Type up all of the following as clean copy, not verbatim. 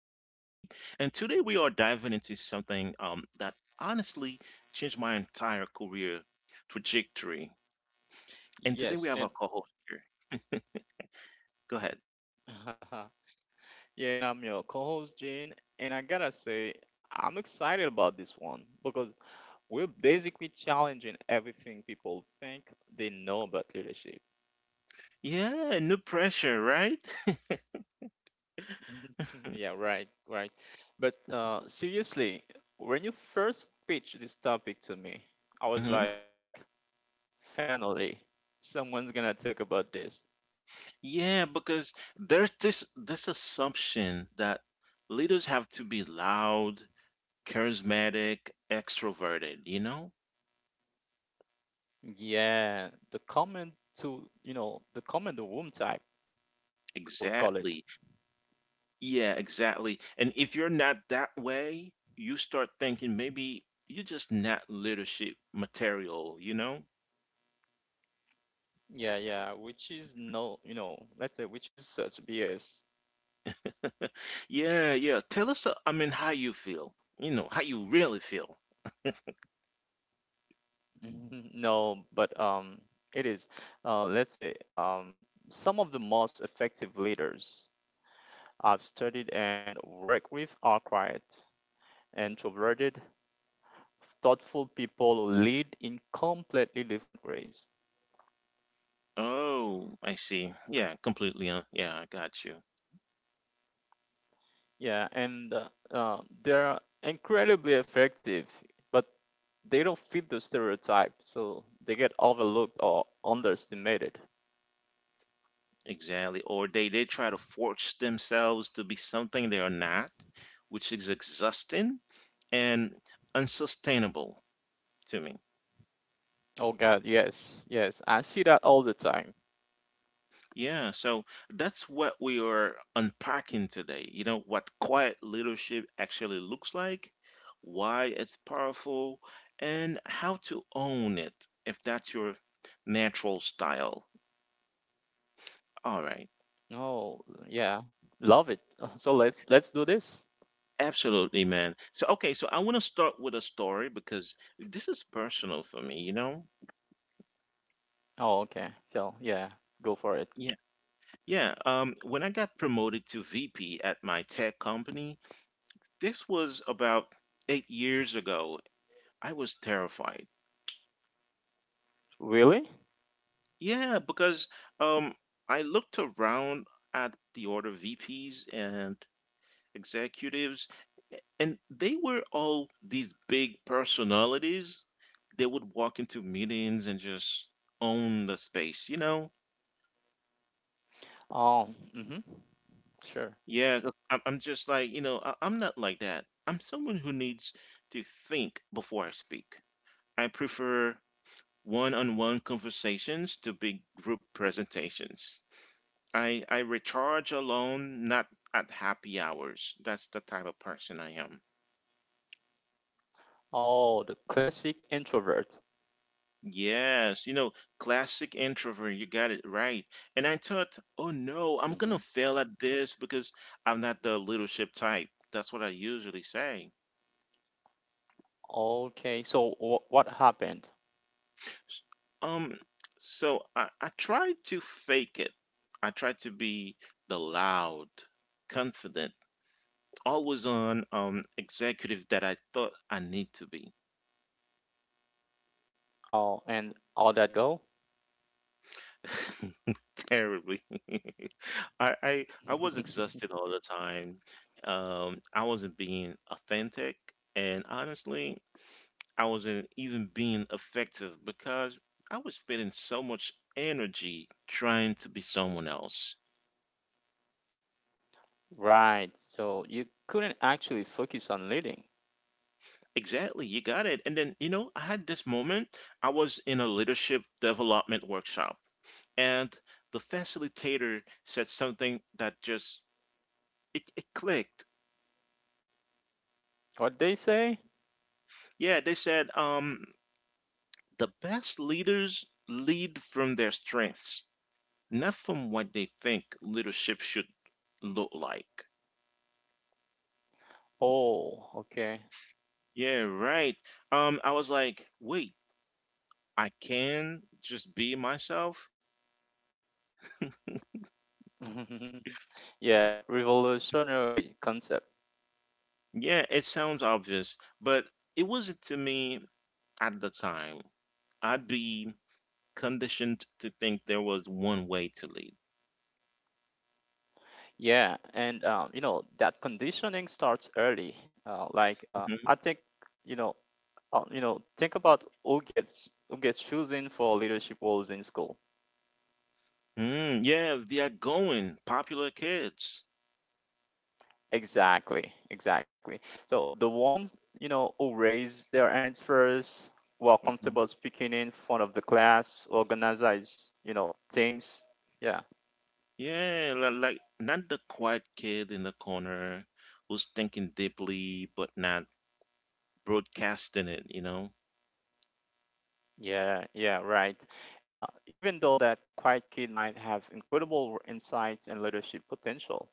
And today we are diving into something that honestly changed my entire career trajectory. And today we have a co host here. Yes, and Go ahead. yeah, and I'm your co-host Jane, and I gotta say, I'm excited about this one because we're basically challenging everything people think they know about leadership. Yeah, no pressure, right? Yeah, right, right. But seriously, when you first pitched this topic to me, I was hmm like, finally, someone's gonna talk about this. Yeah, because there's this assumption that leaders have to be loud, charismatic, extroverted, you know? Yeah, the comment to the comment room type, I would call it. Exactly. Yeah, exactly. And if you're not that way, you start thinking maybe you're just not leadership material, you know? Yeah, yeah, which is no, you know, let's say which is such BS. Yeah, yeah. Tell us, I mean, how you feel, how you really feel. Mhm, No, but it is. Let's say some of the most effective leaders I've studied and worked with are quiet, introverted, thoughtful people who lead in completely different ways. Oh, I see. Yeah, completely. Yeah, I got you. Yeah, and they're incredibly effective, but they don't fit the stereotype, so they get overlooked or underestimated. Exactly. Or they try to force themselves to be something they are not, which is exhausting and unsustainable to me. Oh God, yes, yes. I see that all the time. Yeah, so that's what we are unpacking today. You know, what quiet leadership actually looks like, why it's powerful, and how to own it if that's your natural style. All right. Oh, yeah. Love it. So let's do this. Absolutely, man. So, okay, so I want to start with a story because this is personal for me, you know? Oh, okay. So yeah, go for Yeah, it. yeah. When I got promoted to VP at my tech company, this was about 8 years ago. I was terrified. Really? Yeah, because um, I looked around at the order VPs and executives, and they were all these big personalities. They would walk into meetings and just own the space, you know? Oh, mm-hmm. Sure. Yeah, 'cause I'm just like, you know, I'm not like that. I'm someone who needs to think before I speak. I prefer one-on-one conversations to big group presentations. I recharge alone, not at happy hours. That's the type of person I am. Oh, the classic introvert. Yes, you know, classic introvert, you got it right. And I thought, oh no, I'm Mm-hmm. gonna fail at this because I'm not the leadership type. That's what I usually say. Okay. So what happened? S- Um, so I tried to fake it. I tried to be the loud, confident, always on executive that I thought I need to be. Oh, and all that go? Terribly. I was exhausted all the time. I wasn't being authentic, and honestly, I wasn't even being effective because I was spending so much energy trying to be someone else. Right. So you couldn't actually focus on leading. Exactly, you got it. And then, you know, I had this moment. I was in a leadership development workshop, and the facilitator said something that just it clicked. What they say? Yeah, they said, the best leaders lead from their strengths, not from what they think leadership should look like. Oh, okay. Yeah, right. I was like, wait, I can just be myself? Yeah, revolutionary concept. Yeah, it sounds obvious, but it wasn't to me at the time. I'd be conditioned to think there was one way to lead. Yeah, and you know that conditioning starts early. Like Mhm. I think, you know, you know, think about who gets chosen for leadership roles in school. Mm, yeah, they are going, popular kids. Exactly, exactly. So the ones you know who raise their hands first, who are Mm-hmm. comfortable speaking in front of the class, organize, you know, things. Yeah, Yeah, like not the quiet kid in the corner who's thinking deeply but not broadcasting it, you know? Yeah, yeah, right. Even though that quiet kid might have incredible insights and leadership potential.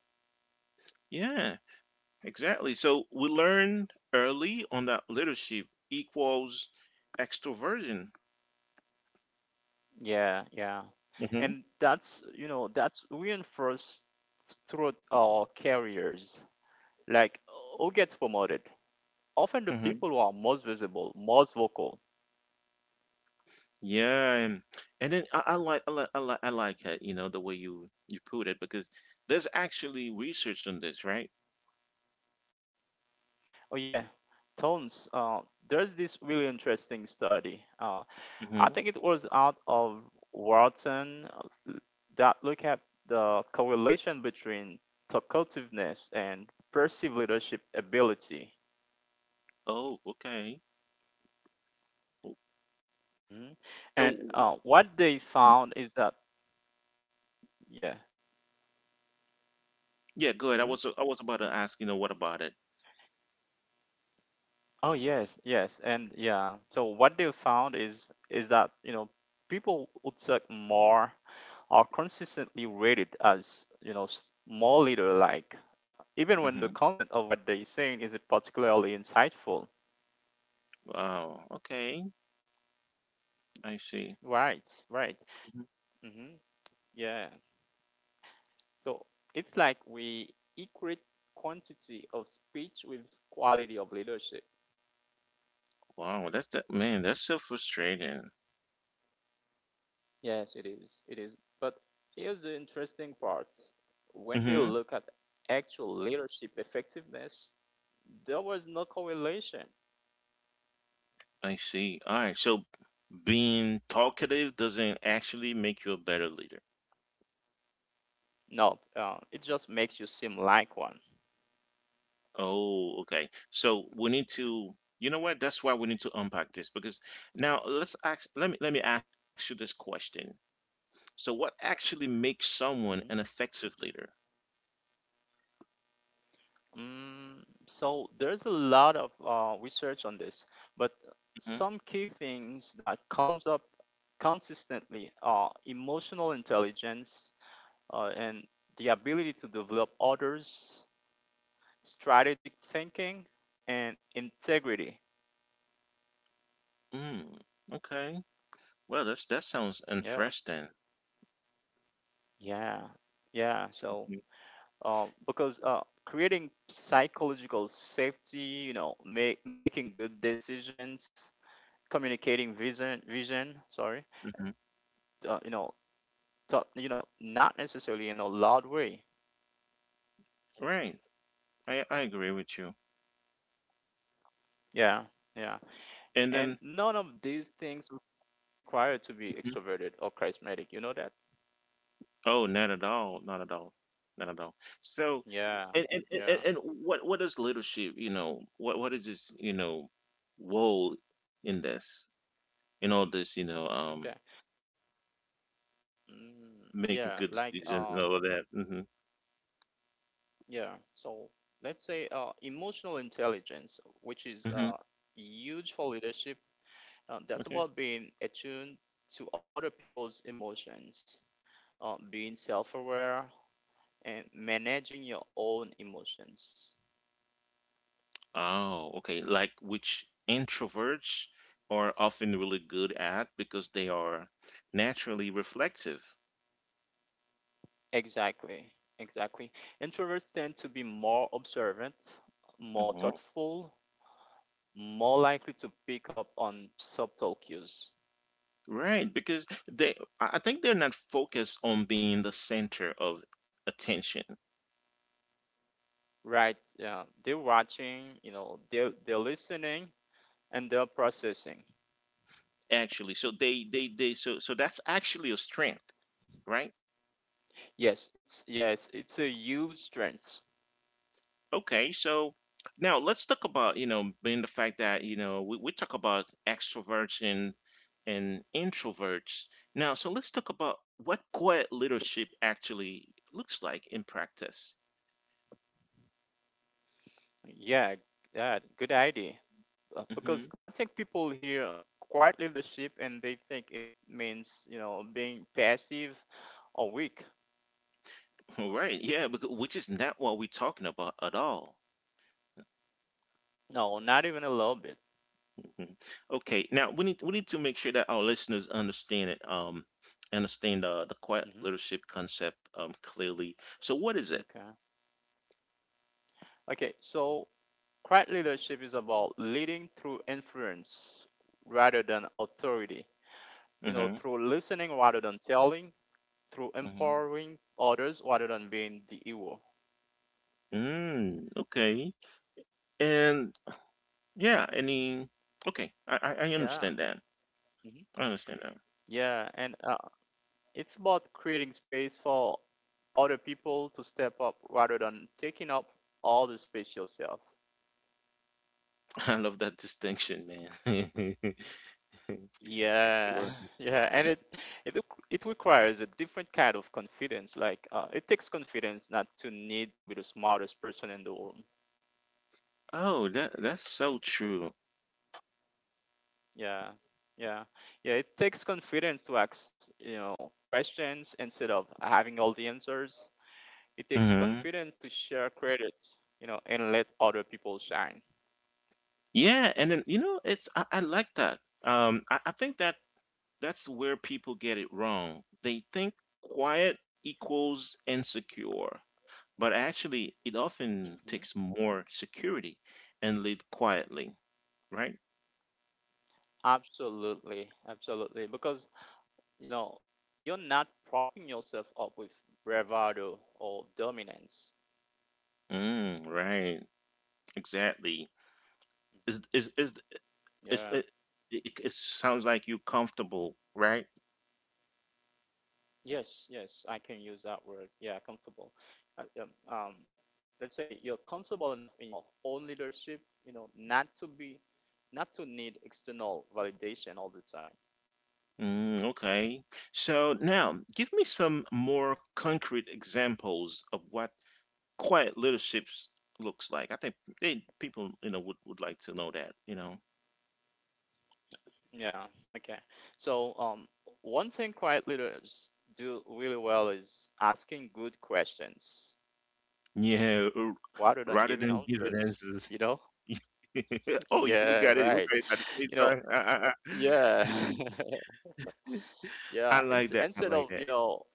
Yeah, exactly. So we learned early on that leadership equals extroversion. Yeah, yeah. hmm And that's, you know, that's reinforced throughout our careers. Like, who gets promoted? Often the hmm people who are most visible, most vocal. Yeah, and then I like I like I like I like it, you know, the way you put it because there's actually research on this, right? Oh, yeah, tones. There's this really interesting study. I hmm think it was out of Watson uh, that look at the correlation between talkativeness and perceived leadership ability. Oh, okay. Hmm So And what they found is that, yeah. yeah, good. Hmm I was about to ask, you know, what about it? Oh yes, yes, and yeah. So what they found is that you know people who talk more are consistently rated as you know more leader-like, even when the Mm-hmm. content of what they're saying isn't particularly insightful. Wow. Okay. I see. Right, right. Mhm. hmm Yeah. So it's like we equate quantity of speech with quality of leadership. Wow. That's that man. That's so frustrating. Yes, it is. It is. But here's the interesting part. When they Mm-hmm. look at actual leadership effectiveness, there was no correlation. I see. All right. So being talkative doesn't actually make you a better leader. No, it just makes you seem like one. Oh, okay. So we need to. You know what? That's why we need to unpack this because now let's ask. Let me ask you this question. So what actually makes someone Mm-hmm. an effective leader? So there's a lot of research on this, but hmm some key things that comes up consistently are emotional intelligence and the ability to develop others, strategic thinking, and integrity. Mm, okay. Well, that's that sounds Yeah, interesting. yeah, yeah. So because creating psychological safety, you know, making good decisions, communicating vision, hmm you know so you know not necessarily in a loud way Right. I agree with you. yeah yeah And and then none of these things require to be Mhm. extroverted or charismatic you know that Oh, not at all, not at all, not at all. So, and yeah and and, and and yeah what is leadership? You know, what is this? You know, role in this, in all this? You know, okay mm, making yeah good like decisions and all of that. Yeah so let's say emotional intelligence which hmm is huge for leadership Okay. that's about being attuned to other people's emotions being self-aware and managing your own emotions Oh, okay. Like which introverts are often really good at because they are naturally reflective. Exactly, exactly. Introverts tend to be more observant, more hmm thoughtful, more likely to pick up on subtle cues. Right, because they, I think they're not focused on being the center of attention. Right? Yeah, they're watching. You know, they're listening and they're processing. Actually so Mm. They so so that's actually a strength right Yes, it's a huge strength. okay so now let's talk about you know being the fact that you know we talk about extroverts and introverts now so let's talk about what Mm. quiet leadership actually looks like in practice. Yeah, yeah, good idea. Because Mm-hmm. I think people hear quiet leadership and they think it means you know being passive or weak. All right yeah which is not what we're talking about at all. No, not even a little bit. Mhm. Okay, now we need to make sure that our listeners understand it, understand the quiet Hmm leadership concept clearly. So what is it? Okay. Okay. So, quiet leadership is about leading through influence rather than authority. You know, Mm-hmm. through listening rather than telling, through Mm-hmm. empowering others rather than being the ego. Mm, okay, and yeah, I mean, okay, I Yeah. understand that. hmm I understand that. Yeah. And it's about creating space for other people to step up rather than taking up all the space yourself. I love that distinction, man. Yeah, Right. yeah, and it req- it requires a different kind of confidence. Like, it takes confidence not to need to be the smartest person in the room. Oh, that that's so true. Yeah, yeah, yeah. It takes confidence to ask, you know, questions instead of having all the answers. It takes hmm confidence to share credit, you know, and let other people shine. Yeah, and then you know, it's I like that. I think that that's where people get it wrong. They think quiet equals insecure, but actually, it Hmm often takes more security and lead quietly, right? Absolutely, absolutely. Because you know you're not propping yourself up with bravado or dominance. Mm, right, exactly. Is is is is Yeah. it? It sounds like you're comfortable, right? Yes, yes, I can use that word. Yeah, comfortable. Uh, Um, um, let's say you're comfortable enough in your own leadership, you know, not to need external validation all the time. Mm, okay. So now, give me some more concrete examples of what quiet leaderships looks like. I think they, people, you know, would like to know that, you know. Yeah. Okay. So, one thing quiet leaders do really well is asking good questions Yeah, rather than rather giving than giving answers. answers. You know? Oh, yeah, we Yeah. got it. We Right. got it at the same You know. time. Yeah. I Yeah, like ins- that. I instead like of, that. you know,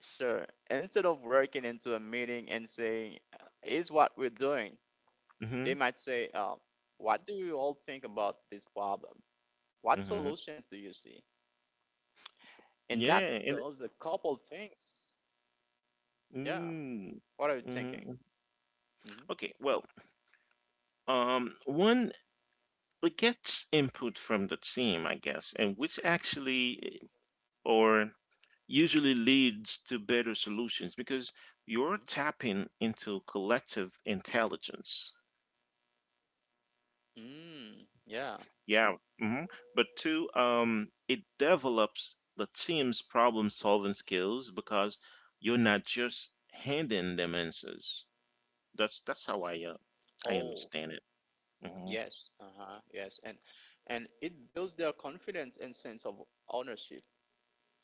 Sure. Instead of working into a meeting and saying, "Is what we're doing," hmm they might say, "What do you all think about this problem? What hmm solutions do you see?" And that's Yeah, and those a couple things. Yeah. mm, What are you thinking? hmm Hmm okay, well, one it gets input from the team, I guess, and which actually eh, or usually leads to better solutions because you're tapping into collective intelligence. Mm, yeah. Yeah. But two, it develops the team's problem solving skills because you're not just handing them answers. That's how I Oh, understand it. hmm yes. Uh-huh. Yes. And it builds their confidence and sense of ownership.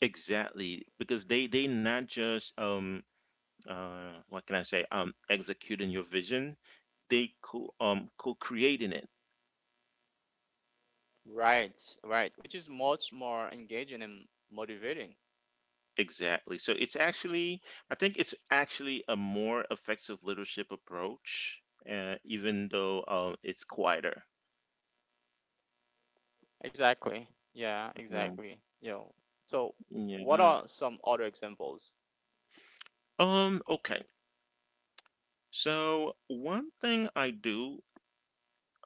Exactly, because they not just what can I say executing your vision. They co co-creating it. Right, right, which is much more engaging and motivating. Exactly. So it's actually I think it's actually a more effective leadership approach, even though it's quieter. Exactly. Yeah, Mm, exactly. You know, so what yeah. are some other examples? Okay. So one thing I do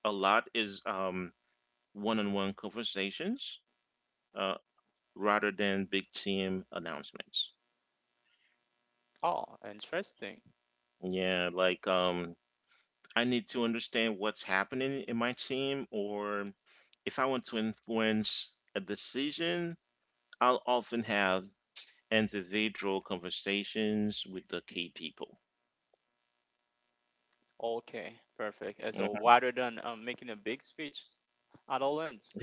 a lot is one-on-one conversations, uh, rather than big team announcements. Oh, interesting. Yeah, like I need to understand what's happening in my team or if I want to influence a decision, I'll often have individual conversations with the key people. Okay, perfect. And so rather than making a big speech at lens.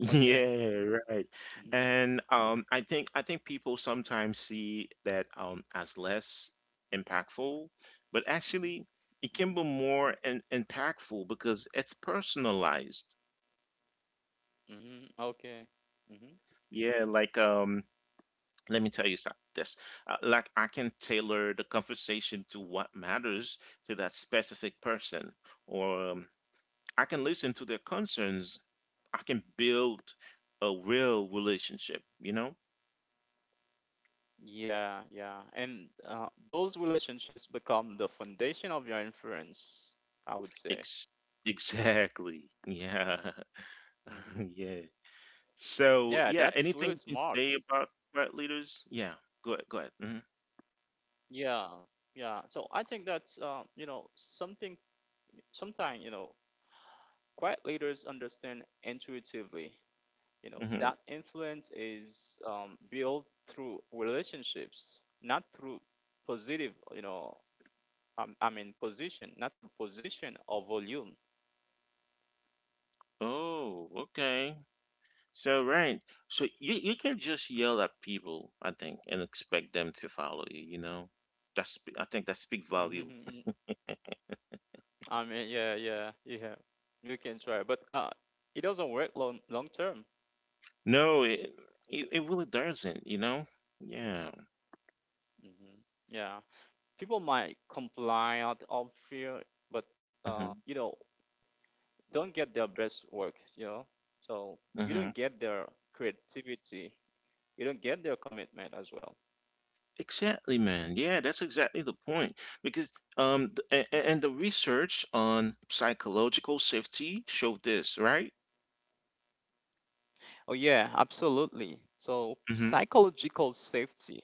Okay. Yeah, right. hmm And I think people sometimes see that as less impactful, but actually hmm it can be hmm more in impactful because it's personalized. hmm Okay. hmm Yeah, like let me tell you this. Like I can tailor the conversation to what matters to that specific person, or I can listen to their concerns. I can build a real relationship, you know? Yeah, yeah. And those relationships become the foundation of your influence, I would say. Ex- exactly. Yeah. Hmm Yeah. So Yeah, yeah, that's really anything you can smart. say about threat leaders? Yeah. Go ahead. Go ahead. Mm-hmm. Yeah, yeah. So I think that's you know something. Sometimes you know Quiet leaders understand intuitively, you know, that hmm influence is built through relationships, not through positive, you know, I mean position, not through position or volume. Oh, okay. So right. So you can just yell at people, I think, and expect them to follow you. You know, that's I think that speak volume. Mhm. I mean, yeah, yeah, yeah. You can try, but it doesn't work long term. No, it really doesn't. You know. Yeah. Hmm Yeah, people might comply out of fear, but you hmm know, don't get their best work. You know, so you hmm don't get their creativity. You don't get their commitment as well. Exactly, man. Yeah, that's exactly the point. Because and the research on psychological safety showed this, right? Oh, yeah, absolutely. So, hmm psychological safety,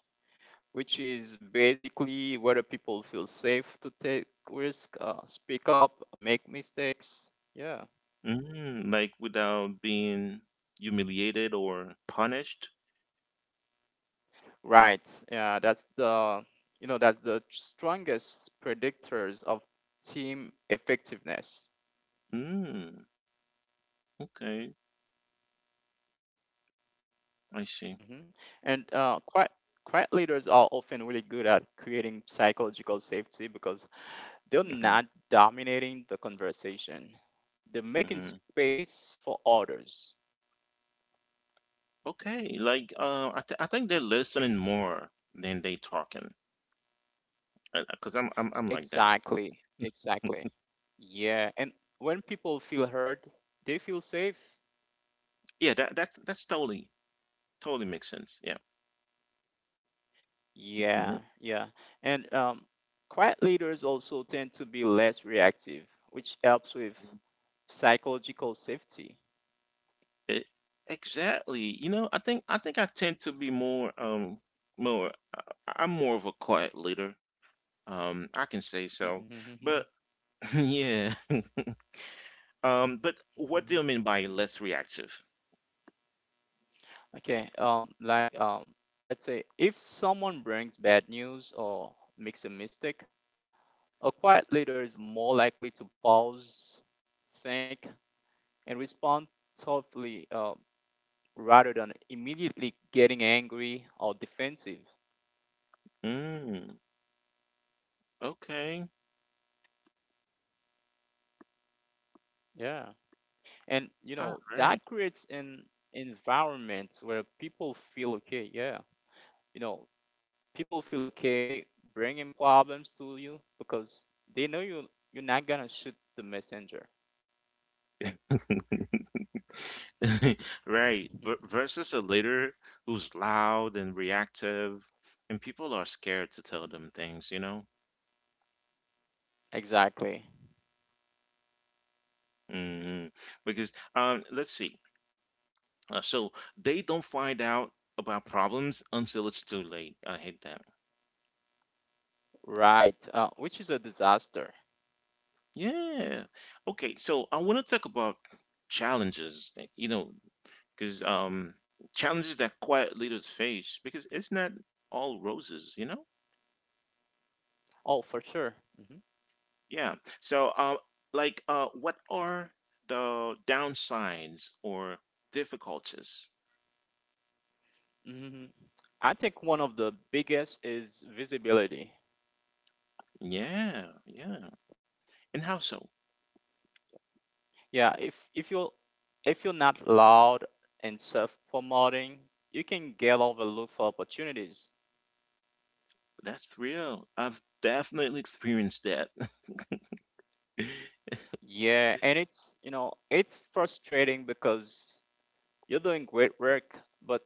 which is basically whether people feel safe to take risk, speak up, make mistakes. Yeah, Mm, like without being humiliated or punished. right. Yeah, that's the you know that's the strongest predictors of team effectiveness. Mm, okay, I see. Hmm And quite quiet leaders are often really good at creating psychological safety because they're not hmm dominating the conversation. They're making hmm space for others. Okay, like I think they're listening more than they talking. 'Cause I'm like that. Exactly. Exactly. Yeah. And when people feel heard, they feel safe. Yeah, that's totally totally makes sense. Yeah. Yeah. Yeah. And quiet leaders also tend to be less reactive, which helps with psychological safety. E Exactly, you know, I think I tend to be more, more I I'm more of a quiet leader, I can say so, but yeah, but what do you mean by less reactive? Okay, like, let's say if someone brings bad news or makes a mistake, a quiet leader is more likely to pause, think, and respond thoughtfully rather than immediately getting angry or defensive. Mm, okay, Yeah. And you all know, right. that creates an environment where people feel okay. Yeah. You know, people feel okay bringing problems to you because they know you're not going to shoot the messenger. Right. Versus a leader who's loud and reactive, and people are scared to tell them things, you know? Exactly. hmm Because let's see. So they don't find out about problems until it's too late. I hate that. Right. Which is a disaster. Yeah. Okay. So I want to talk about challenges, because challenges that quiet leaders face, because it's not all roses, you know? Oh, for sure. Yeah. So, like, what are the downsides or difficulties? hmm I think one of the biggest is visibility. Yeah. Yeah. And how so? Yeah, if you are if you're not loud and self-promoting, you can get overlooked for opportunities. That's real. I've definitely experienced that. Yeah, and it's you know it's frustrating because you're doing great work, but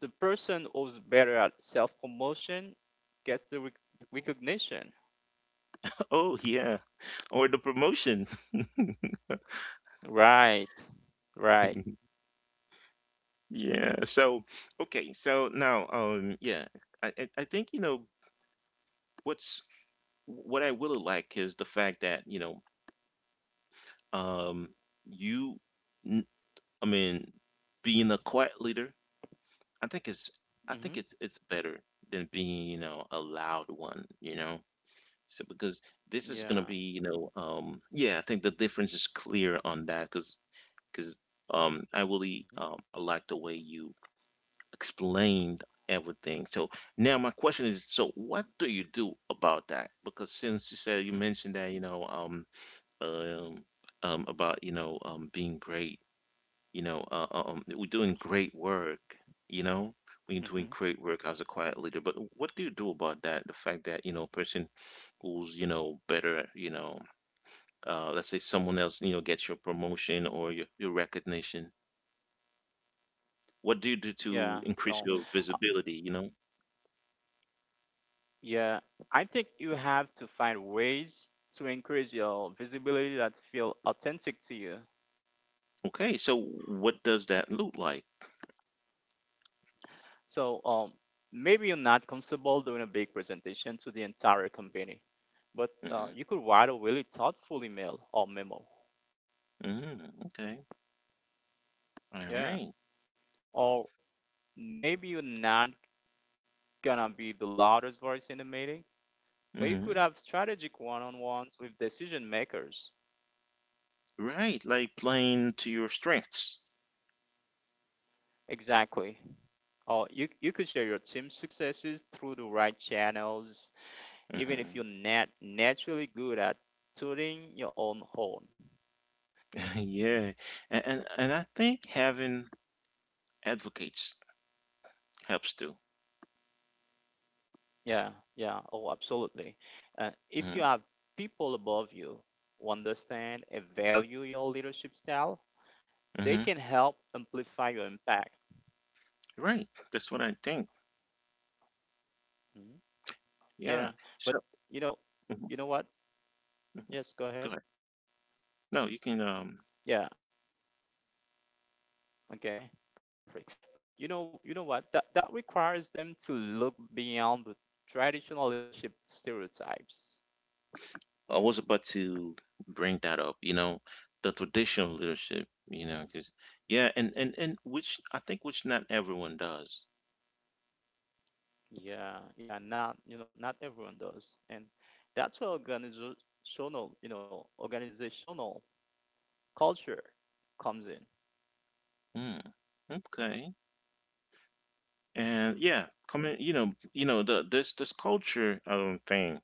the person who's better at self-promotion gets the recognition. Oh, yeah. Or the promotion. Right, right. Yeah. So, okay. So now, yeah, I think, you know, what's what I really like is the fact that, you know, um, you, n- I mean, being a quiet leader, I think it's, I think hmm it's better than being, you know, a loud one, you know? So because this is gonna be, you Yeah. know, yeah, I think the difference is clear on that because I really hmm I like the way you explained everything. So now my question is, so what do you do about that? Because since you said you hmm mentioned that, you know, um, about you know, being great, we're doing great work, you know, when you're doing hmm great work as a quiet leader. But what do you do about that? The fact that you know, a person who's you know better you know let's say someone else you know gets your promotion or your recognition, what do you do Yeah. to increase So your visibility you know? Yeah, I think you have to find ways to increase your visibility that feel authentic to you. Okay, so what does that look like? So, maybe you're not comfortable doing a big presentation to the entire company, but Hmm. you could write a really thoughtful email or memo. Hmm. Okay. All Yeah, right. or maybe you're not gonna be the loudest voice in the meeting, but you could Mm-hmm. have strategic one-on-ones with decision makers. Right, like playing to your strengths. Exactly. Or you could share your team successes through the right channels even if you're Hmm. Naturally good at tooting your own horn. Yeah, and I think having advocates helps too. Yeah, yeah, oh, absolutely. If Hmm. you have people above you who understand and value your leadership style, they Hmm. can help amplify your impact. Right, that's what I think. Mhm. Yeah, Yeah, so but you know, mhm, you know what? mhm. Go Yes, ahead, go ahead. no you can Yeah, okay, perfect. But you know what? That that requires them to look beyond the traditional leadership stereotypes. I was about to bring that up, you know, the traditional leadership, you know, because Mm-hmm. yeah, and which I think, which not everyone does. Yeah, yeah, not, you know, not everyone does. And that's where organizational, you know, organizational culture comes in. Hmm. Okay. And yeah, Mhm. coming, you know the this culture thing.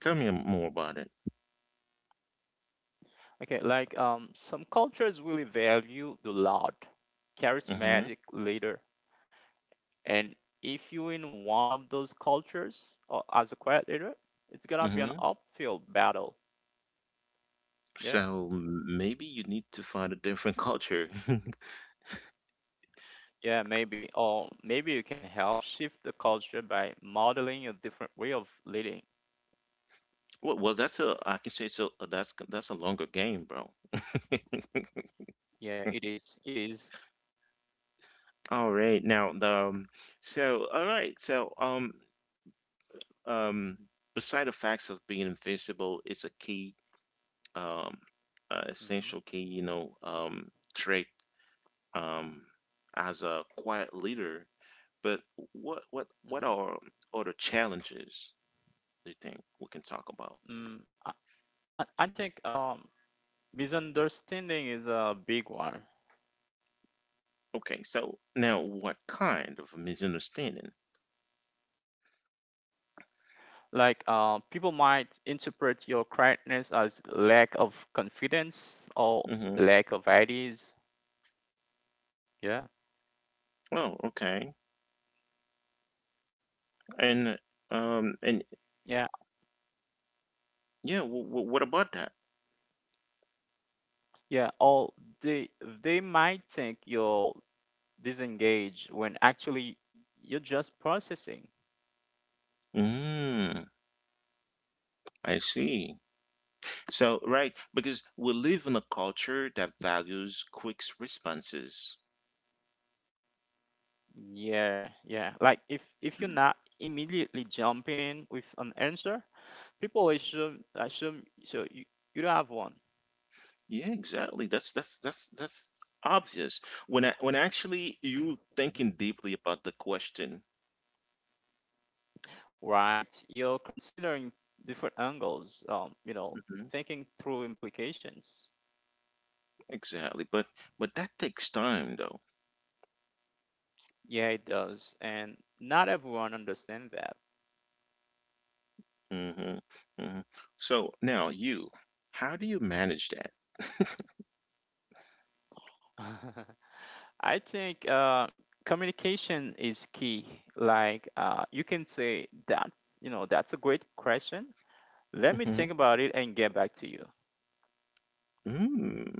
Tell me more about it. Okay, some cultures really value the loud, Mm-hmm. charismatic leader. And if you're in one of those cultures or as a quiet leader, it's gonna be an Mm-hmm. uphill battle. Yeah. So maybe you need to find a different culture. Yeah, maybe. Or maybe you can help shift the culture by modeling a different way of leading. Well, that's a I can say so. That's a longer game, bro. Yeah, it is. It is. All right, now the so all right, so Um, beside the facts of being invisible, it's a key, um, essential Mhm, key, you know, trait, um, as a quiet leader. But what are mhm. other challenges do you think we can talk about? Mm, I, I think misunderstanding is a big one. Okay, so now what kind of misunderstanding? Like, people might interpret your quietness as lack of confidence or Mm-hmm. lack of ideas. Yeah, Oh, okay, and um, and yeah, yeah, what about that? yeah. Or they might think you're disengaged when actually you're just processing. Mm, I see. So, right, because we live in a culture that values quick responses. Yeah, yeah. Like if you're Mm. not immediately jumping in with an answer, people assume so you don't have one. Yeah, exactly. That's obvious. When actually you Mhm. thinking deeply about the question. Right? You're considering different angles, Hmm. thinking through implications. Exactly. But that takes time though. Yeah, it does, and not everyone understands that. Hmm. Hmm. So now you, how do you manage that? I think communication is key. Like you can say that's that's a great question. Let me Hmm. think about it and get back to you. Mm.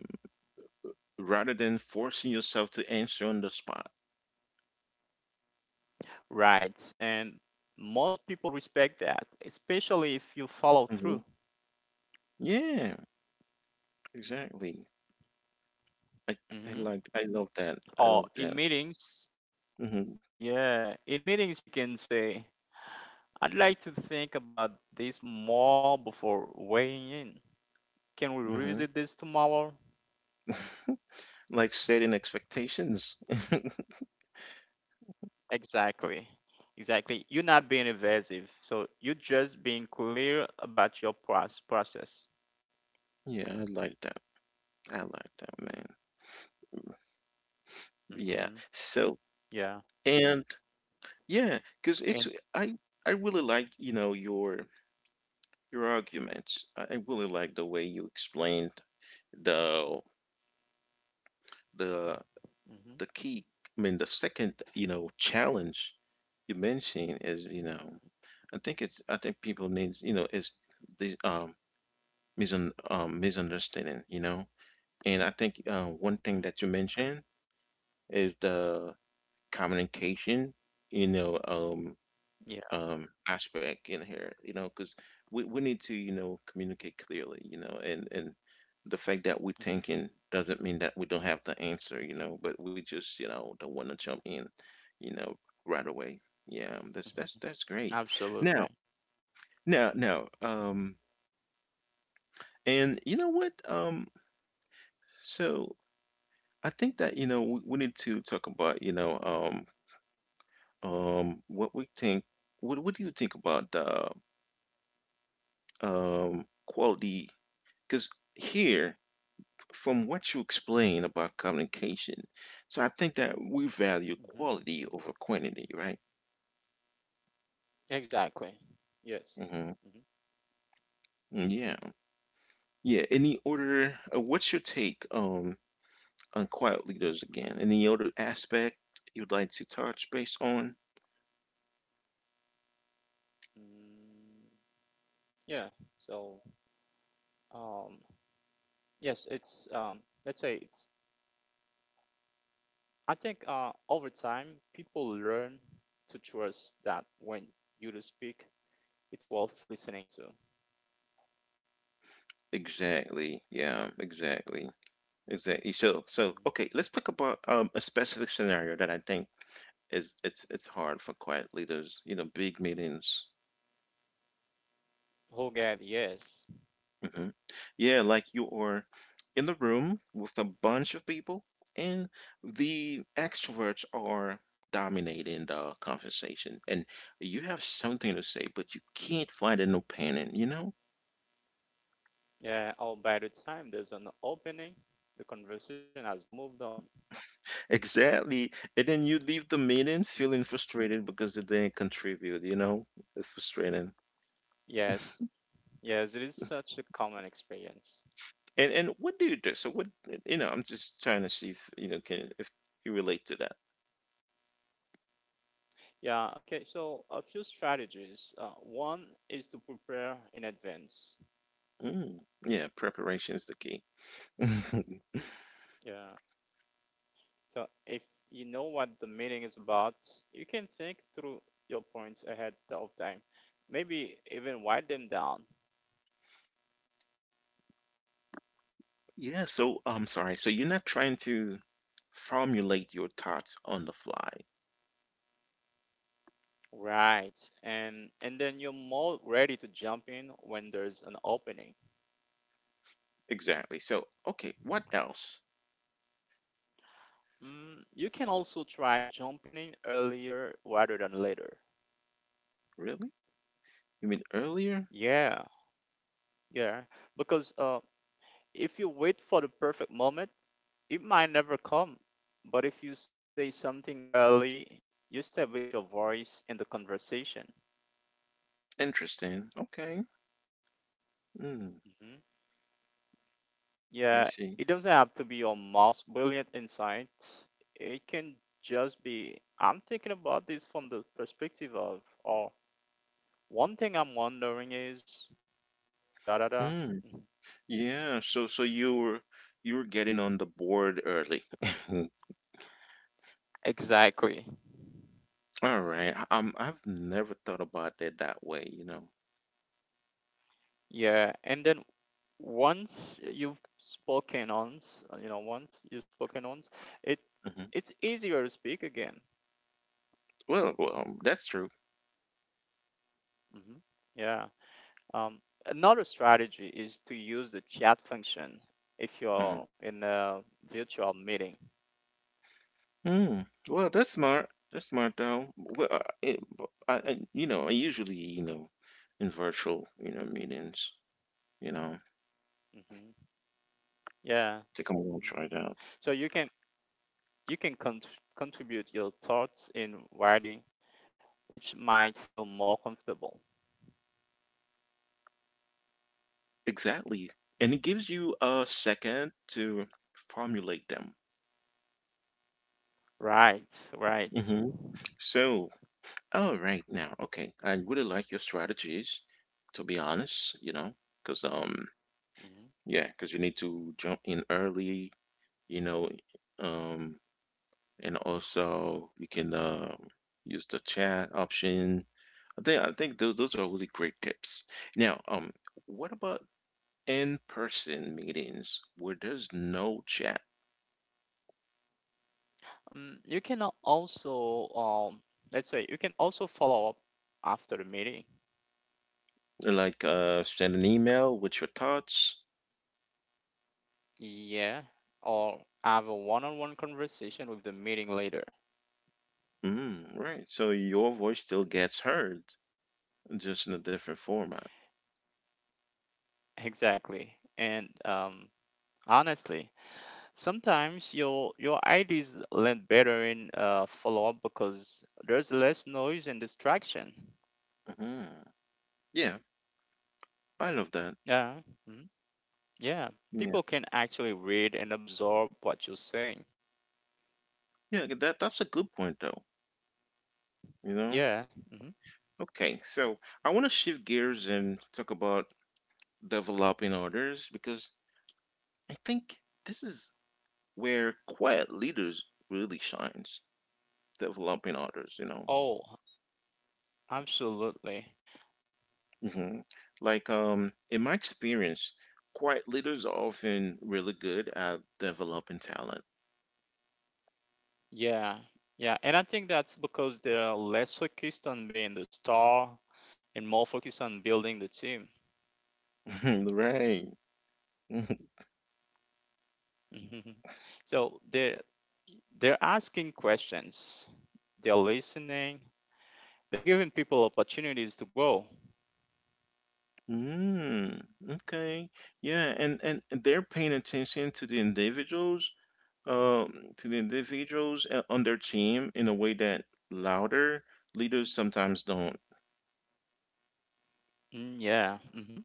Rather than forcing yourself to answer on the spot. Right, and most people respect that, especially if you follow Hmm. through. Yeah, exactly. I I I love that. I Oh, love in that. meetings, Mm-hmm. yeah, in meetings you can say, I'd like to think about this more before weighing in. Can we revisit this tomorrow? Mm-hmm. Like setting expectations. Exactly. Exactly. You're not being evasive, so you're just being clear about your process. Yeah, I like that. I like that, man. Yeah. Hmm. So Yeah. and yeah, because And it's I I really like, you know, your arguments. I really like the way you explained the the the hmm key, I mean the second, you know, challenge you mentioned is, you know, I think people needs, you know, is the misunderstanding, you know? And I think one thing that you hmm mentioned is the communication, you know, yeah. Aspect in here, you know, because we need to, you know, communicate clearly, you know, and the fact that we're thinking Hmm. doesn't mean that we don't have the answer, you know, but we just, you know, don't want to jump in, you know, right away. Yeah, that's that's great. Now, Absolutely. now, and you know what? So I think that, you know, we need to talk about, you know, what we think, what do you think about the quality? Because here, from what you explain about communication, so I think that we value Hmm. quality over quantity, right? Exactly. Yes. Hmm. Hmm. Yeah. Yeah. Any order, what's your take on quiet leaders again? Any other aspect you'd like to touch base on? Mm, yeah. So, um, Yes, it's let's say it's. I think over time, people learn to trust that when you do speak, it's worth listening to. Exactly. Yeah, exactly. Exactly. So, so Mhm. okay, let's talk about a specific scenario that I think is it's hard for quiet leaders. You know, big meetings. Oh God, yes, Hmm. Yeah, like you are in the room with a bunch of people, and the extroverts are dominating the conversation, and you have something to say, but you can't find an opinion. You know, yeah. Or by the time there's an opening, the conversation has moved on. exactly. And then you leave the meeting Mhm. feeling frustrated because you didn't contribute. You know, it's frustrating. Yes, yes, it is such a common experience. And what do you do? So what you know, I'm just trying to see if you know can if you relate to that. Yeah. Okay. So a few strategies. One is to prepare in advance. Mm, yeah, preparation is the key. Yeah. So, if you know what the meeting is about, you can think through your points ahead of time. Maybe even write them down. Yeah, so I'm sorry. So you're not trying to formulate your thoughts on the fly. Right. And then you're more ready to jump in when there's an opening. Exactly. So, okay, what else? Mm, you can also try jumping in earlier rather than later. Really? You mean earlier? Yeah, yeah. Because if you wait for the perfect moment, it might never come. But if you say something early, you establish your voice in the conversation. Interesting. Okay. Mm, Mm-hmm. I Yeah, see. it doesn't have to be your most brilliant insight. It can just be I'm thinking about this from the perspective of, or one thing I'm wondering is da da da. Mm, Mhm. yeah, you were getting on the board early. Exactly. All right. I've never thought about it that way, you know. Yeah, and then once you've spoken once, you know, once you've spoken once, it Mhm. it's easier to speak again. Well, that's true. Hmm. Yeah. Another strategy is to use the chat function if Mhm. you're in a virtual meeting. Mm. Well, that's smart. That's smart though. Well, I, but I- you know, I usually, you know, in virtual, you know, meetings, you know, Hmm. Yeah. think I'm gonna Hmm. try it out. So you can you can cont contribute your thoughts in writing, which might feel more comfortable. Exactly. And it gives you a second to formulate them. Right, right. Hmm. So, all right now, okay. I really like your strategies, to be honest, you know, because Mhm. yeah, because you need to jump in early, you know, um and also you can use the chat option. I think those are really great tips. Now, what about in-person meetings where there's no chat? You can also let's say you can also follow up after the meeting. Like send an email with your thoughts. Yeah, or have a one-on-one conversation with the meeting later. Mm, right. So your voice still gets heard, just in a different format. Exactly. And honestly, sometimes your ideas land better in follow up because there's less noise and distraction. Hmm. Yeah, I love that. Yeah, mhm, yeah. Yeah, People can actually read and absorb what you're saying. yeah. That that's a good point though. You know. Yeah. Hmm. Okay, so I want to shift gears and talk about developing others because I think this is where quiet leaders really shines developing others you know. Oh, absolutely. Hmm. Like in my experience quiet leaders are often really good at developing talent. Yeah, yeah. And I think that's because they're less focused on being the star and more focused on building the team. Right. So they're asking questions. They're listening. They're giving people opportunities to grow. Mm, okay yeah and they're paying attention to the individuals um on their team in a way that louder leaders sometimes don't. Mm, yeah, hmm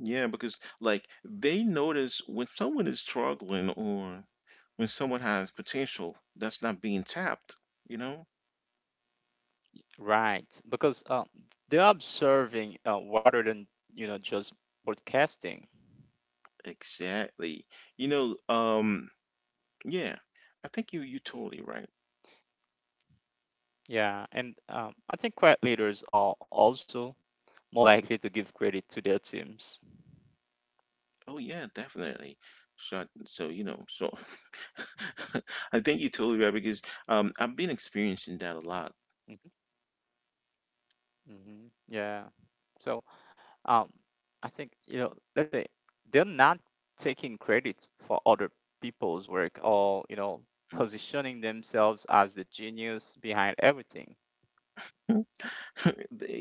Yeah, because like they notice when someone is struggling or when someone has potential that's not being tapped, you know? right. Because they're observing rather than just broadcasting. Exactly. You know, um, yeah, I think you you totally right. Yeah, and I think quiet leaders are also more likely to give credit to their teams. Oh yeah, definitely. So, so you know, so I think you totally right because I've been experiencing that a lot. Hmm. Hmm. Yeah. So um, I think you know, let's say they're not taking credit for other people's work or positioning themselves as the genius behind everything. Mhm.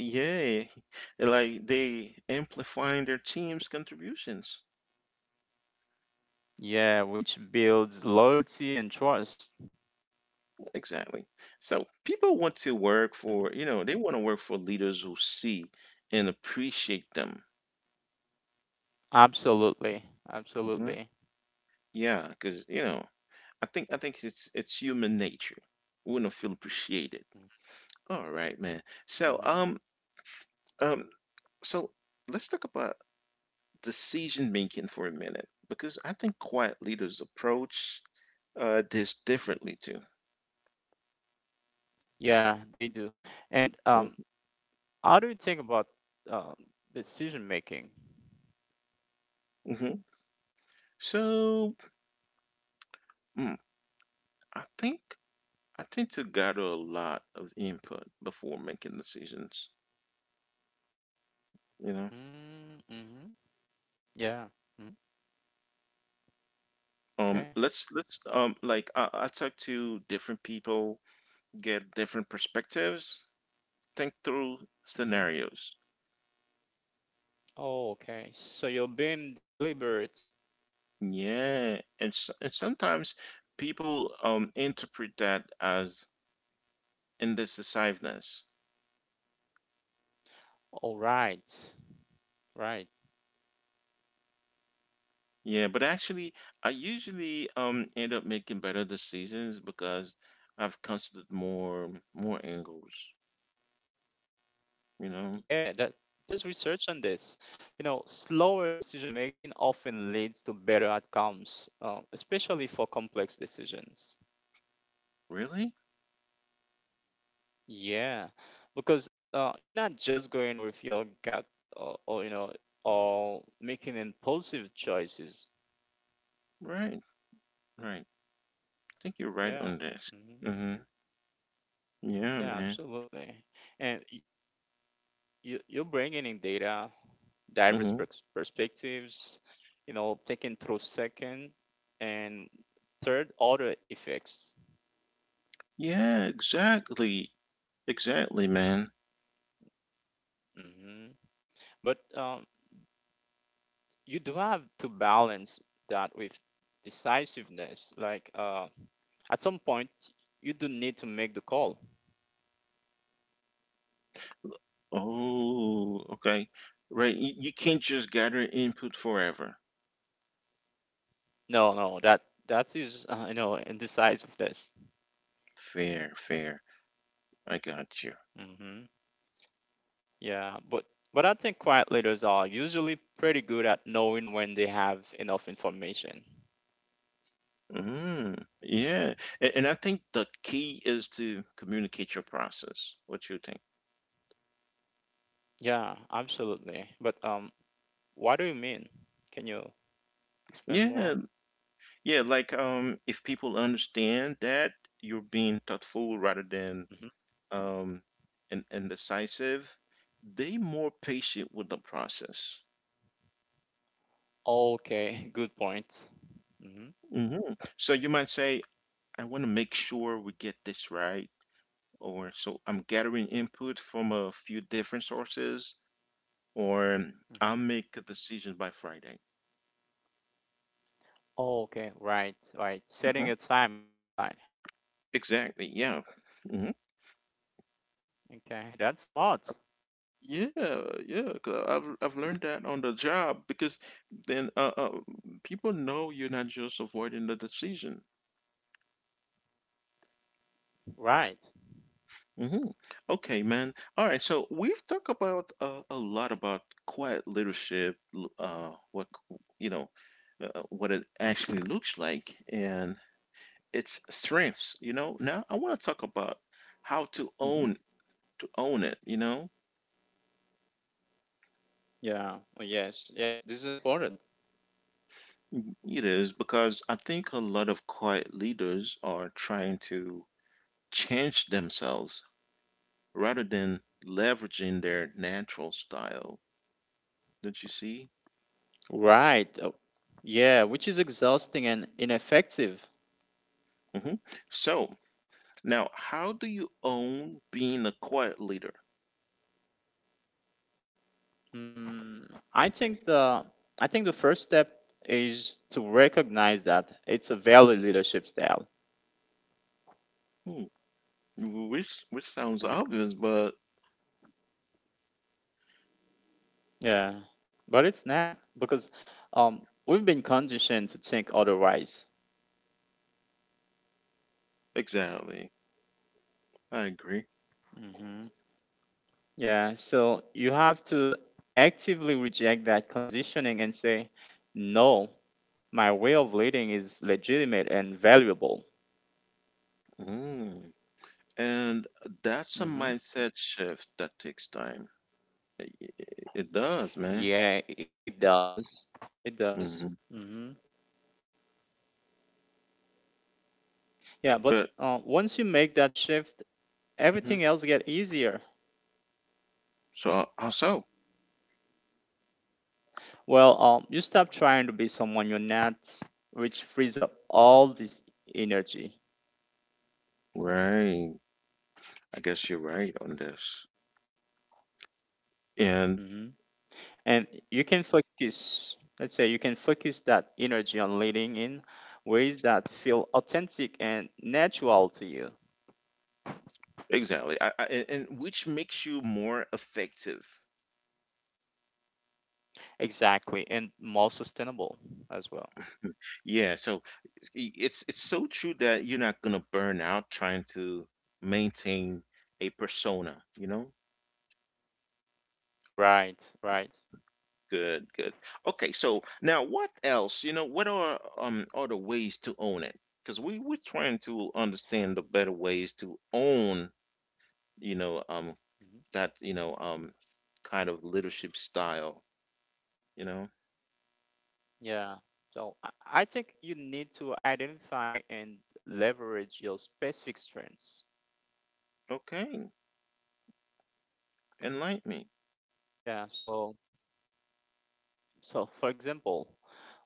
Yeah, like they amplifying their team's contributions. Yeah, which builds loyalty and trust. Exactly. So people want to work Mhm. for, you know, they want to work for leaders who see and appreciate them. Absolutely. Hmm. Absolutely. Yeah, because you know, I think it's human nature. We want to feel appreciated. Mhm, All right, man. Mhm. Um so let's talk about decision making for a minute because I think quiet leaders approach this differently too. Yeah, they do. And how do you think about um, decision making? Mm-hmm. So mm, I think. I tend to gather a lot of input before making decisions, you know. Mm, mhm, yeah. Mhm, okay. Let's like I talk to different people, get different perspectives, think through Mhm. scenarios. Oh, okay. So you're being deliberate. Yeah, and, and sometimes people interpret that as indecisiveness. All right. Right. Yeah, but actually, I usually end up making better decisions because I've considered more angles, you know. Yeah, that there's research on this. You know, slower decision making often leads to better outcomes, especially for complex decisions. Really? Yeah, because you're not just going with your gut or or making impulsive choices. Right. Right. I think you're right Yeah, on this. hmm Hmm. Yeah, yeah, man. absolutely. And you you're bringing in data, diverse Hmm. Perspectives. You know, thinking through second and third order effects. Yeah, exactly. Exactly, man. Hmm. But you do have to balance that with decisiveness. Like at some point, you do need to make the call. Oh, okay. Right. You can't just gather input forever. No, no, that that is you know indecisiveness. Fair, fair. I got you. Hmm. Yeah, but I think quiet leaders are usually pretty good at knowing when they have enough information. Hmm. Yeah. And I think the key is to communicate your process. What you think? Yeah, absolutely. But what do you mean? Can you explain more? Yeah. Yeah. Like, if people understand that you're being thoughtful rather than Hmm. um, and decisive, they more patient with the process. Okay, good point. Hmm. Hmm. So you might say, I want to make sure we get this right, or so I'm gathering input from a few different sources, or I'll make a decision by Friday. Oh, okay, right, right. Setting Mhm. a timeline. Exactly. Yeah. Hmm. Okay, that's smart. Yeah, yeah, 'cause I've learned that on the job because then people know you're not just avoiding the decision. Right. Hmm. Okay, man. All right. So we've talked about a lot about quiet leadership, you know, what it actually looks like, and its strengths. You know. Now I want to talk about how to Hmm. own it. You know, Yeah. Oh, yes. Yes. This is important. Mm, it is because I think a lot of quiet leaders are trying to change themselves rather than leveraging their natural style. Don't you see? Right. Oh, yeah. Which is exhausting and ineffective. Hmm. So. Now, how do you own being a quiet leader? Mm, I think the I think the first step is to recognize that it's a valid leadership style. Hmm. Which sounds obvious, but Yeah. But it's not because we've been conditioned to think otherwise. exactly. I agree. Yeah, so you have to actively reject that conditioning and say, no, my way of leading is legitimate and valuable. Mm. And that's a Hmm. mindset shift that takes time. I- i- It, does, man. Yeah, it does. It does. Hmm. Hmm. Yeah, but But once you make that shift, mhm. everything else get easier. So how so? Well, you stop trying to be someone you're not, which frees up all this energy. Right. I guess you're right on this. And And you can focus, let's say you can focus that energy on leading in ways that feel authentic and natural to you. exactly. And which makes you more effective. Exactly, and more sustainable as well. Yeah, so it's so true that you're not gonna burn out trying to maintain a persona, you know? Right, right. Good, good. Okay, so now what else? You know, what are the ways to own it? Because we we're trying to understand the better ways to own, you know, Mhm. that, you know, kind of leadership style, you know? Yeah. So I think you need to identify and leverage your specific strengths. Okay, enlighten me. Yeah. So, so for example,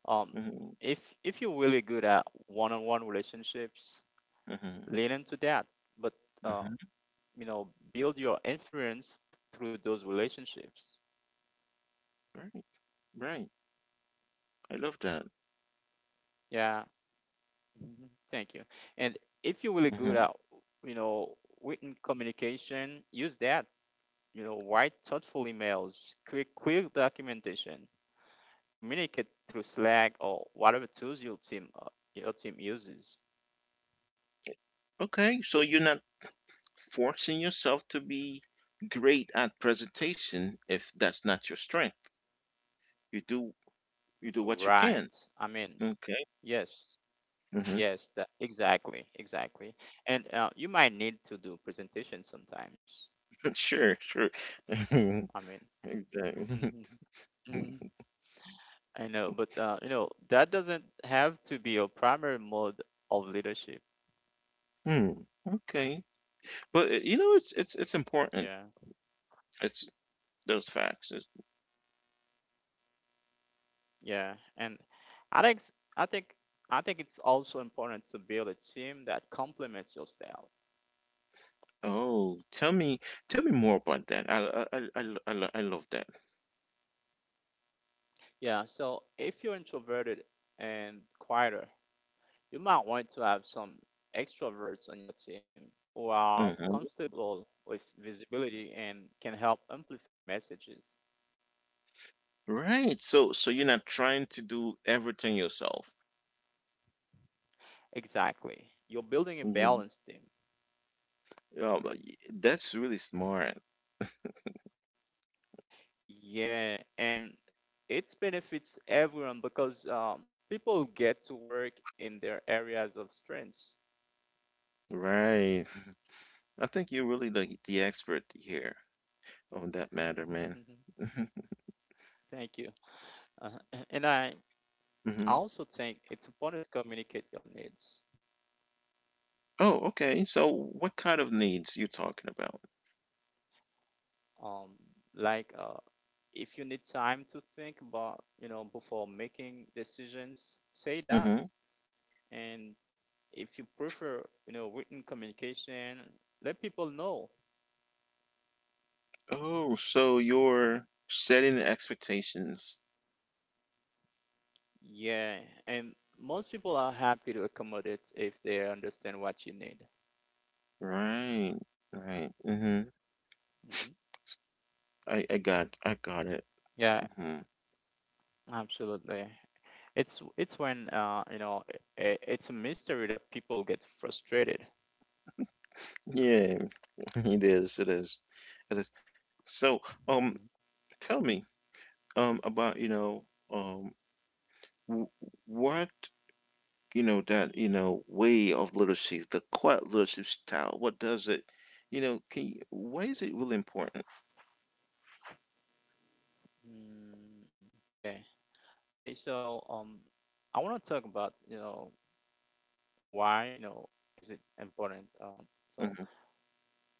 um, Hmm. If you're really good at one-on-one relationships, Hmm. lean into that. But uh, Hmm. you know, build your influence through those relationships, Right, right. I love that. yeah. Mhm. Thank you. And if you're really good at, Hmm. you know, written communication, use that. You know, write thoughtful emails, create clear documentation, communicate through Slack or whatever tools your team uses. Okay, so you're not forcing yourself to be great at presentation if that's not your strength. You do you do what you can. Right, I mean, Okay. yes, Hmm. yes, that exactly, exactly. And you might need to do presentations sometimes, Sure. Sure. I Exactly. mean. I know, but you know, that doesn't have to be your primary mode of leadership. Hmm. Okay. But you know, it's important. Yeah, It's those facts. Yeah, and I think s- I think it's also important to build a team that complements your style. Oh, tell me more about that. I love that. Yeah, so if you're introverted and quieter, you might want to have some extroverts on your team who are Hmm comfortable with visibility and can help amplify messages. Right. So so you're not trying to do everything yourself. Exactly. You're building a Mhm. balanced team. Oh, but that's really smart. Yeah, and it benefits everyone because people get to work in their areas of strengths. Right. I think you're really the expert here on that matter, man. Mhm. Thank you. Uh, and I hmm also think it's important to communicate your needs. Oh, okay. So what kind of needs you talking about? Um, like if you need time to think about, you know, before making decisions, say that. Hmm And if you prefer, you know, written communication, let people know. Oh, so you're setting the expectations. Yeah, and most people are happy to accommodate if they understand what you need. Right. Right. hmm Hmm. I got it. Yeah, Hmm absolutely. It's when you know I it's a mystery that people get frustrated. Yeah, it is. It is. It is. So, um, Hmm. tell me, about, you know, um, w what that way of literacy, the quiet literacy style, what does it, can you, why is it really important? Mm, okay. Okay, so I want to talk about, you know, why, you know, is it important? Hmm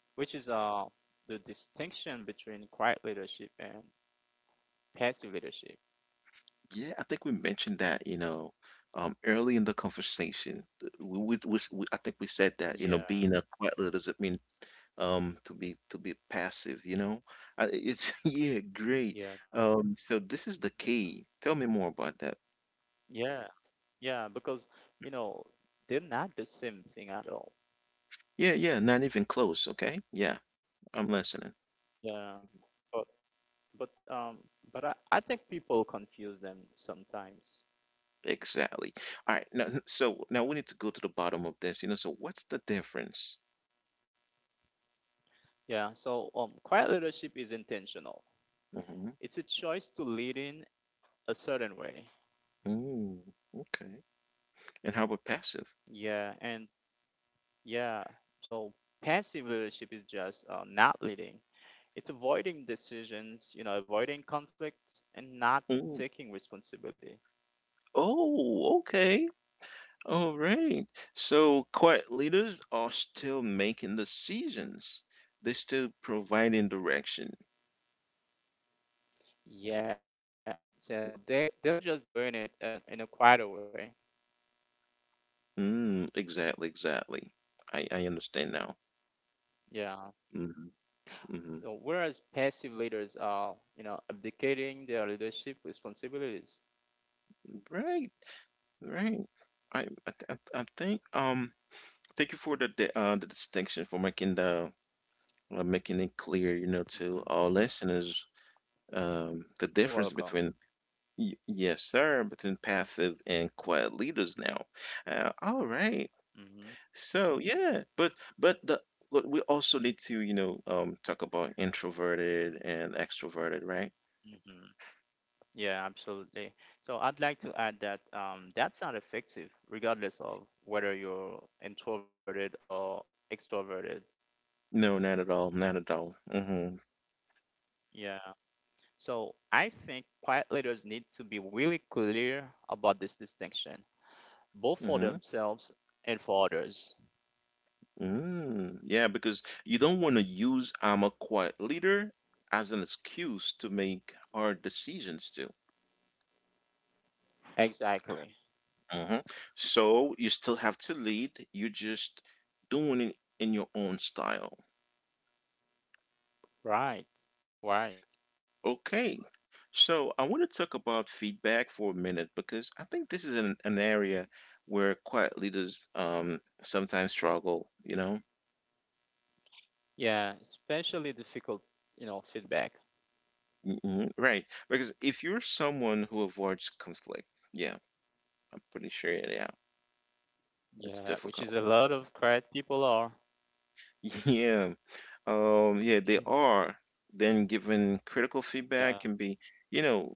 Which is the distinction between quiet leadership and passive leadership. Yeah, I think we mentioned that, early in the conversation. Hmm. Th- we, s- we I think we said that, Yeah, being a quiet literacy, to be passive, you know. It's yeah, great. yeah. So this is the Hmm. key, tell me more about that. Yeah, Yeah, because you know they're not the same thing at all. Yeah, not even close. Okay, yeah, I'm listening. Yeah, but but I think people confuse them sometimes. Exactly. All right, now, so now we need to go to the bottom of this, you know, so what's the difference? Yeah, so quiet leadership is intentional. Hmm It's a choice to lead in a certain way. Mm, okay. And how about passive? Yeah, and yeah, so Passive leadership is just not leading. It's avoiding decisions, you know, avoiding conflict, and not Mm. taking responsibility. Oh, okay. All right. So quiet leaders are still making the seasons. They're still providing direction. Yeah, so they're just doing it in a quieter way. Mm, exactly, exactly. I understand now. Yeah. Mm-hmm, mm-hmm. So whereas passive leaders are, you know, abdicating their leadership responsibilities. Right, right. I think thank you for the distinction, for making the making it clear, you know, to Hmm. our listeners, the difference You're between, welcome. y yes sir, between passive and quiet leaders now. All right. Mm-hmm. So yeah, but the but we also need to, you know, talk about introverted and extroverted, right? Mm-hmm. Yeah, absolutely. So I'd like to add that that's not effective, regardless of whether you're introverted or extroverted. No, not at all, not at all. Hmm Yeah. So I think quiet leaders need to be really clear about this distinction, both hmm for themselves and for others. Mm. Yeah, because you don't want to use I'm a quiet leader as an excuse to make hard decisions too. Exactly. Hmm So you still have to lead, you're just doing it in your own style. Right. Right. Okay. So I want to talk about feedback for a minute because I think this is an area where quiet leaders sometimes struggle, you know? Yeah, especially difficult, you know, feedback. Hmm Right. Because if you're someone who avoids conflict, yeah, I'm pretty sure, yeah, it's Yeah, which is difficult. a lot of quiet people are. Yeah. Yeah, they Mhm. are. Then giving critical feedback Yeah, can be, you know,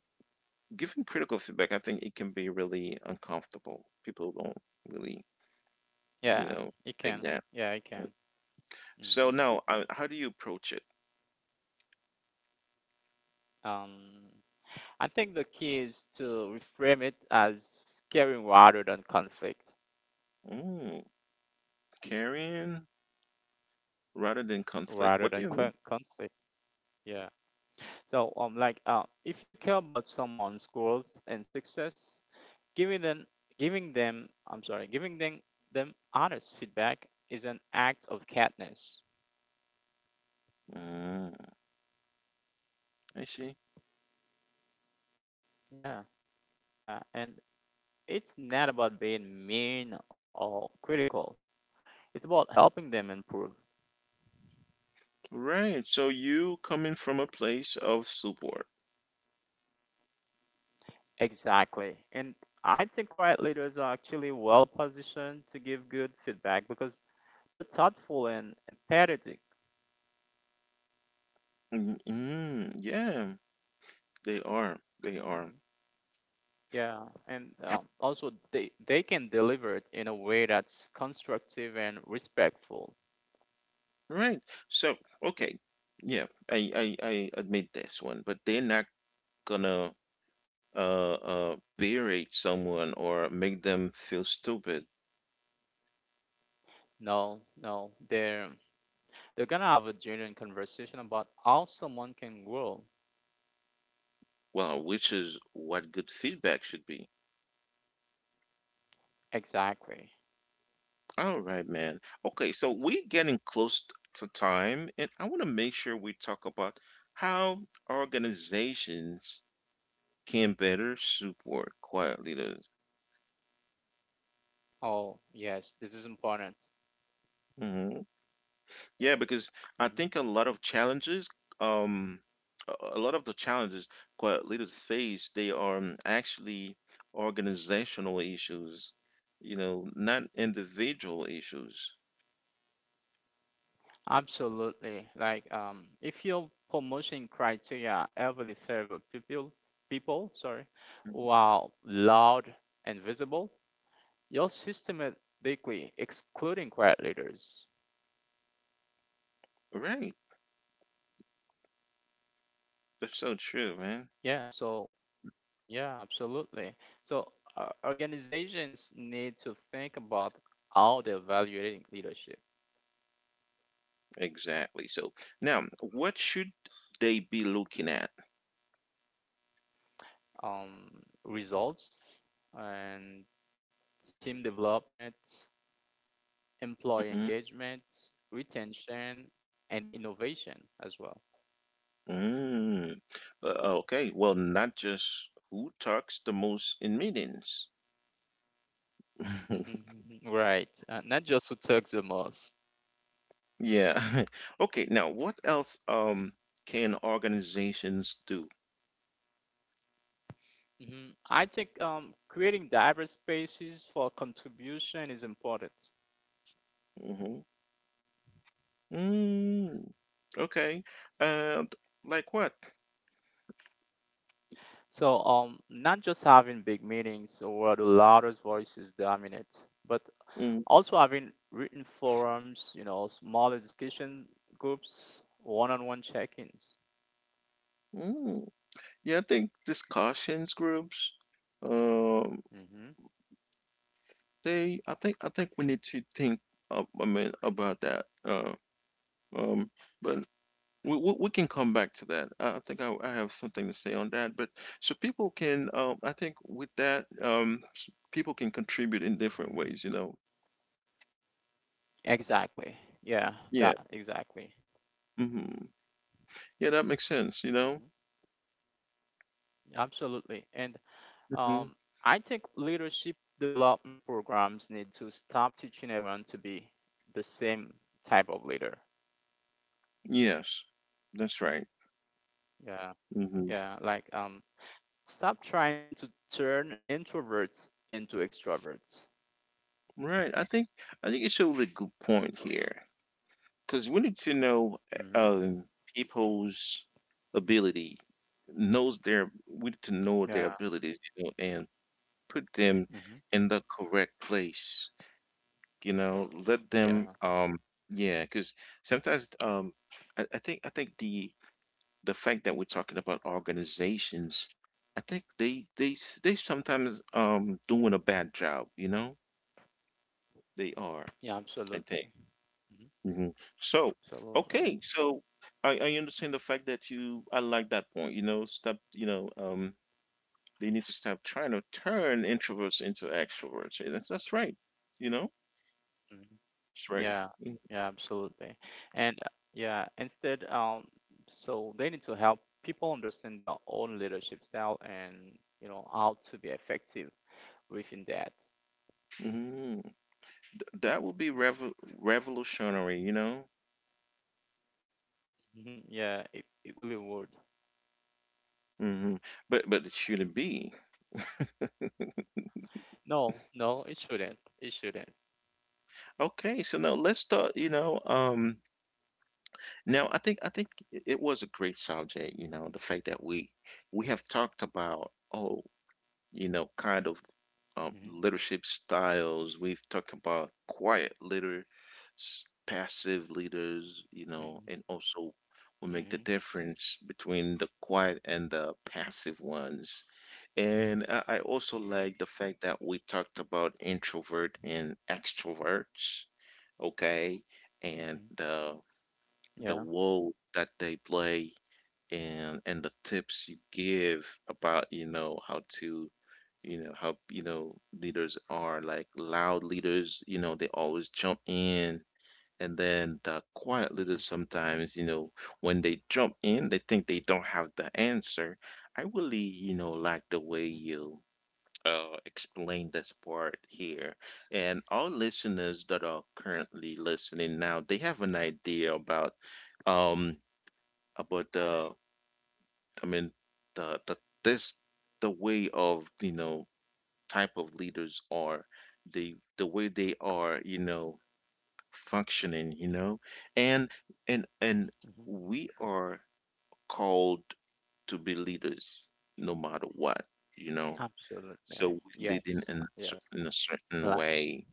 giving critical feedback, I think it can be really uncomfortable. People don't really, yeah, you it know, can. take that. Yeah, it can. Hmm. So now, how do you approach it? Um, I think the key is to reframe it as caring rather than conflict, Mm, caring rather than conflict. What do you rather mean? than qu- conflict. Yeah. So, like, if you care about someone's growth and success, giving them, giving them, I'm sorry, giving them them honest feedback is an act of kindness. Mm, I see. Yeah. Yeah, and it's not about being mean or critical. It's about helping them improve. Right. So you coming from a place of support. Exactly. And I think quiet leaders are actually well positioned to give good feedback because they're thoughtful and empathetic. Mm, mm, yeah, they are. They are. Mhm. Yeah, and also they can deliver it in a way that's constructive and respectful. Right. So, okay. Yeah, I admit this one, but they're not gonna berate someone or make them feel stupid. No, no, they're gonna have a genuine conversation about how someone can grow. Well, which is what good feedback should be. Exactly. All right, man. Okay, so we're getting close to time, and I want to make sure we talk about how organizations can better support quiet leaders. Oh, yes, this is important. Mm-hmm. Yeah, because I Hmm. think a lot of challenges, um, a lot of the challenges quiet leaders face, they are actually organizational issues, you know, not individual issues. Absolutely. Like, if your promotion criteria heavily favor people who are loud and visible, you're systematically excluding quiet leaders. Right. That's so true, man. Yeah. So, yeah, absolutely. So, organizations need to think about how they're evaluating leadership, Exactly. So now, what should they be looking at? um, results, and team development, employee Hmm engagement, retention, and innovation as well. Mm. Okay. Well, not just who talks the most in meetings. Mhm. Right. Not just who talks the most. Yeah. Okay, now what else can organizations do? Hmm. I think creating diverse spaces for contribution is important. Hmm Mm, okay. And like what? So, not just having big meetings where the loudest voices dominate, but Mm also having written forums, you know, smaller discussion groups, one on one check ins. Mm. Yeah, I think discussions groups, um, Hmm. they, I think we need to think, about that. Um, but we can come back to that. I think I have something to say on that. But so people can I think with that people can contribute in different ways, you know. Exactly. Yeah, Yeah, that exactly. mhm. Yeah, that makes sense, you know? Mm-hmm. Absolutely. And Mhm. um, I think leadership development programs need to stop teaching everyone to be the same type of leader. Yes. That's right. Yeah. Mhm. Yeah. Like, stop trying to turn introverts into extroverts. Right, I think it's a really good point here because we need to know, Mm-hmm. People's ability, knows their we need to know their Yeah. abilities, you know, and put them Mm-hmm. in the correct place, you know? Let them, Yeah. Yeah, because sometimes, I think the fact that we're talking about organizations, I think they sometimes doing a bad job, you know? They are, Yeah. I think. Absolutely. Hmm. Hmm So, Absolutely. okay, so I understand the fact that you, I like that point, you know, stop, you know, they need to stop trying to turn introverts into extroverts. Yeah, that's right, you know? Mhm. That's right. Yeah, yeah, absolutely. And so they need to help people understand their own leadership style and, you know, how to be effective within that. Mm-hmm. That would be revolutionary, you know? Mhm. Yeah, it really would. Hmm but it shouldn't be. No, no, it shouldn't. It shouldn't. Okay, so now let's start, you know, now I think it, it was a great subject, you know, the fact that we have talked about, oh, you know, kind of Mhm, leadership styles. We've talked about quiet leaders, passive leaders, you know, and mhm, also we make the mhm, difference between the quiet and the passive ones. And I also like mhm, the fact that we talked about introvert and extroverts, okay, and mhm. The Yeah. role that they play, and the tips you give about, you know, how to, you know, how, you know, leaders are like loud leaders, you know, they always jump in, and then the quiet leaders Mhm, sometimes, you know, when they jump in they think they don't have the answer. I really, you know, like the way mhm, you explain this part here. And all listeners that are currently listening now, they have an idea um about the I mean the this the way of, you know, type of leaders are, the way they are, you know, functioning, you know, and and mhm. we are called to be leaders no matter what, you know, so Absolutely. we're leading Yes. in in a cer- Yes. in a certain Like, way.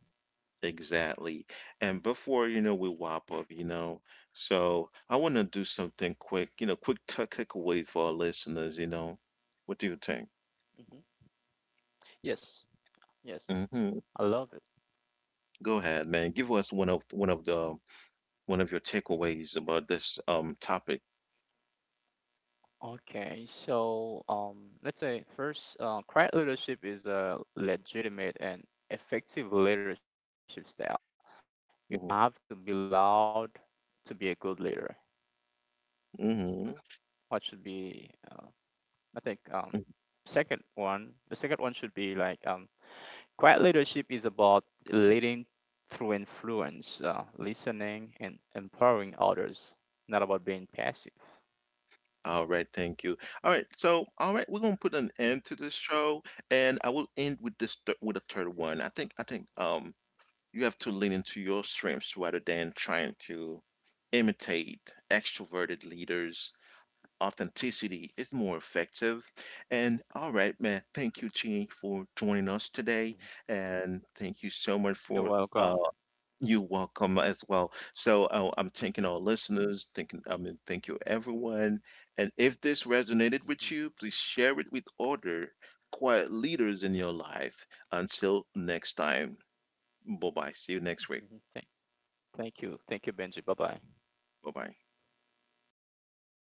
Exactly. And before, you know, we wrap mhm, up, you know, so I want to do something quick, you know, quick takeaways for our listeners, you know. What do you think? mhm. Yes. Yes. Hmm I love it. Go ahead, man. Give us one of the one of your takeaways about this topic. Okay, so let's say first, quiet leadership is a legitimate and effective leadership style. You don't have to be Mm-hmm. loud to be a good leader. Mm-hmm, What should be, I think, mm-hmm. second one, the second one should be like quiet leadership is about leading through influence, listening, and empowering others, not about being passive. All right, thank you. All right, so all right, we're gonna put an end to Mhm, this show, and I will end with this with a third one. I think you have to lean into your strengths rather than trying to imitate extroverted leaders. Authenticity is more effective. And all right, man, thank you, Chi, for joining us today. mhm. And thank you so much for You're welcome. you welcome as well. So I'm thanking our listeners, thank you everyone. And if this resonated with you, Mm-hmm. please share it with other quiet leaders in your life. Until next time, bye bye. See you next week. Thank you. Thank you, Benji. Bye bye. Bye bye.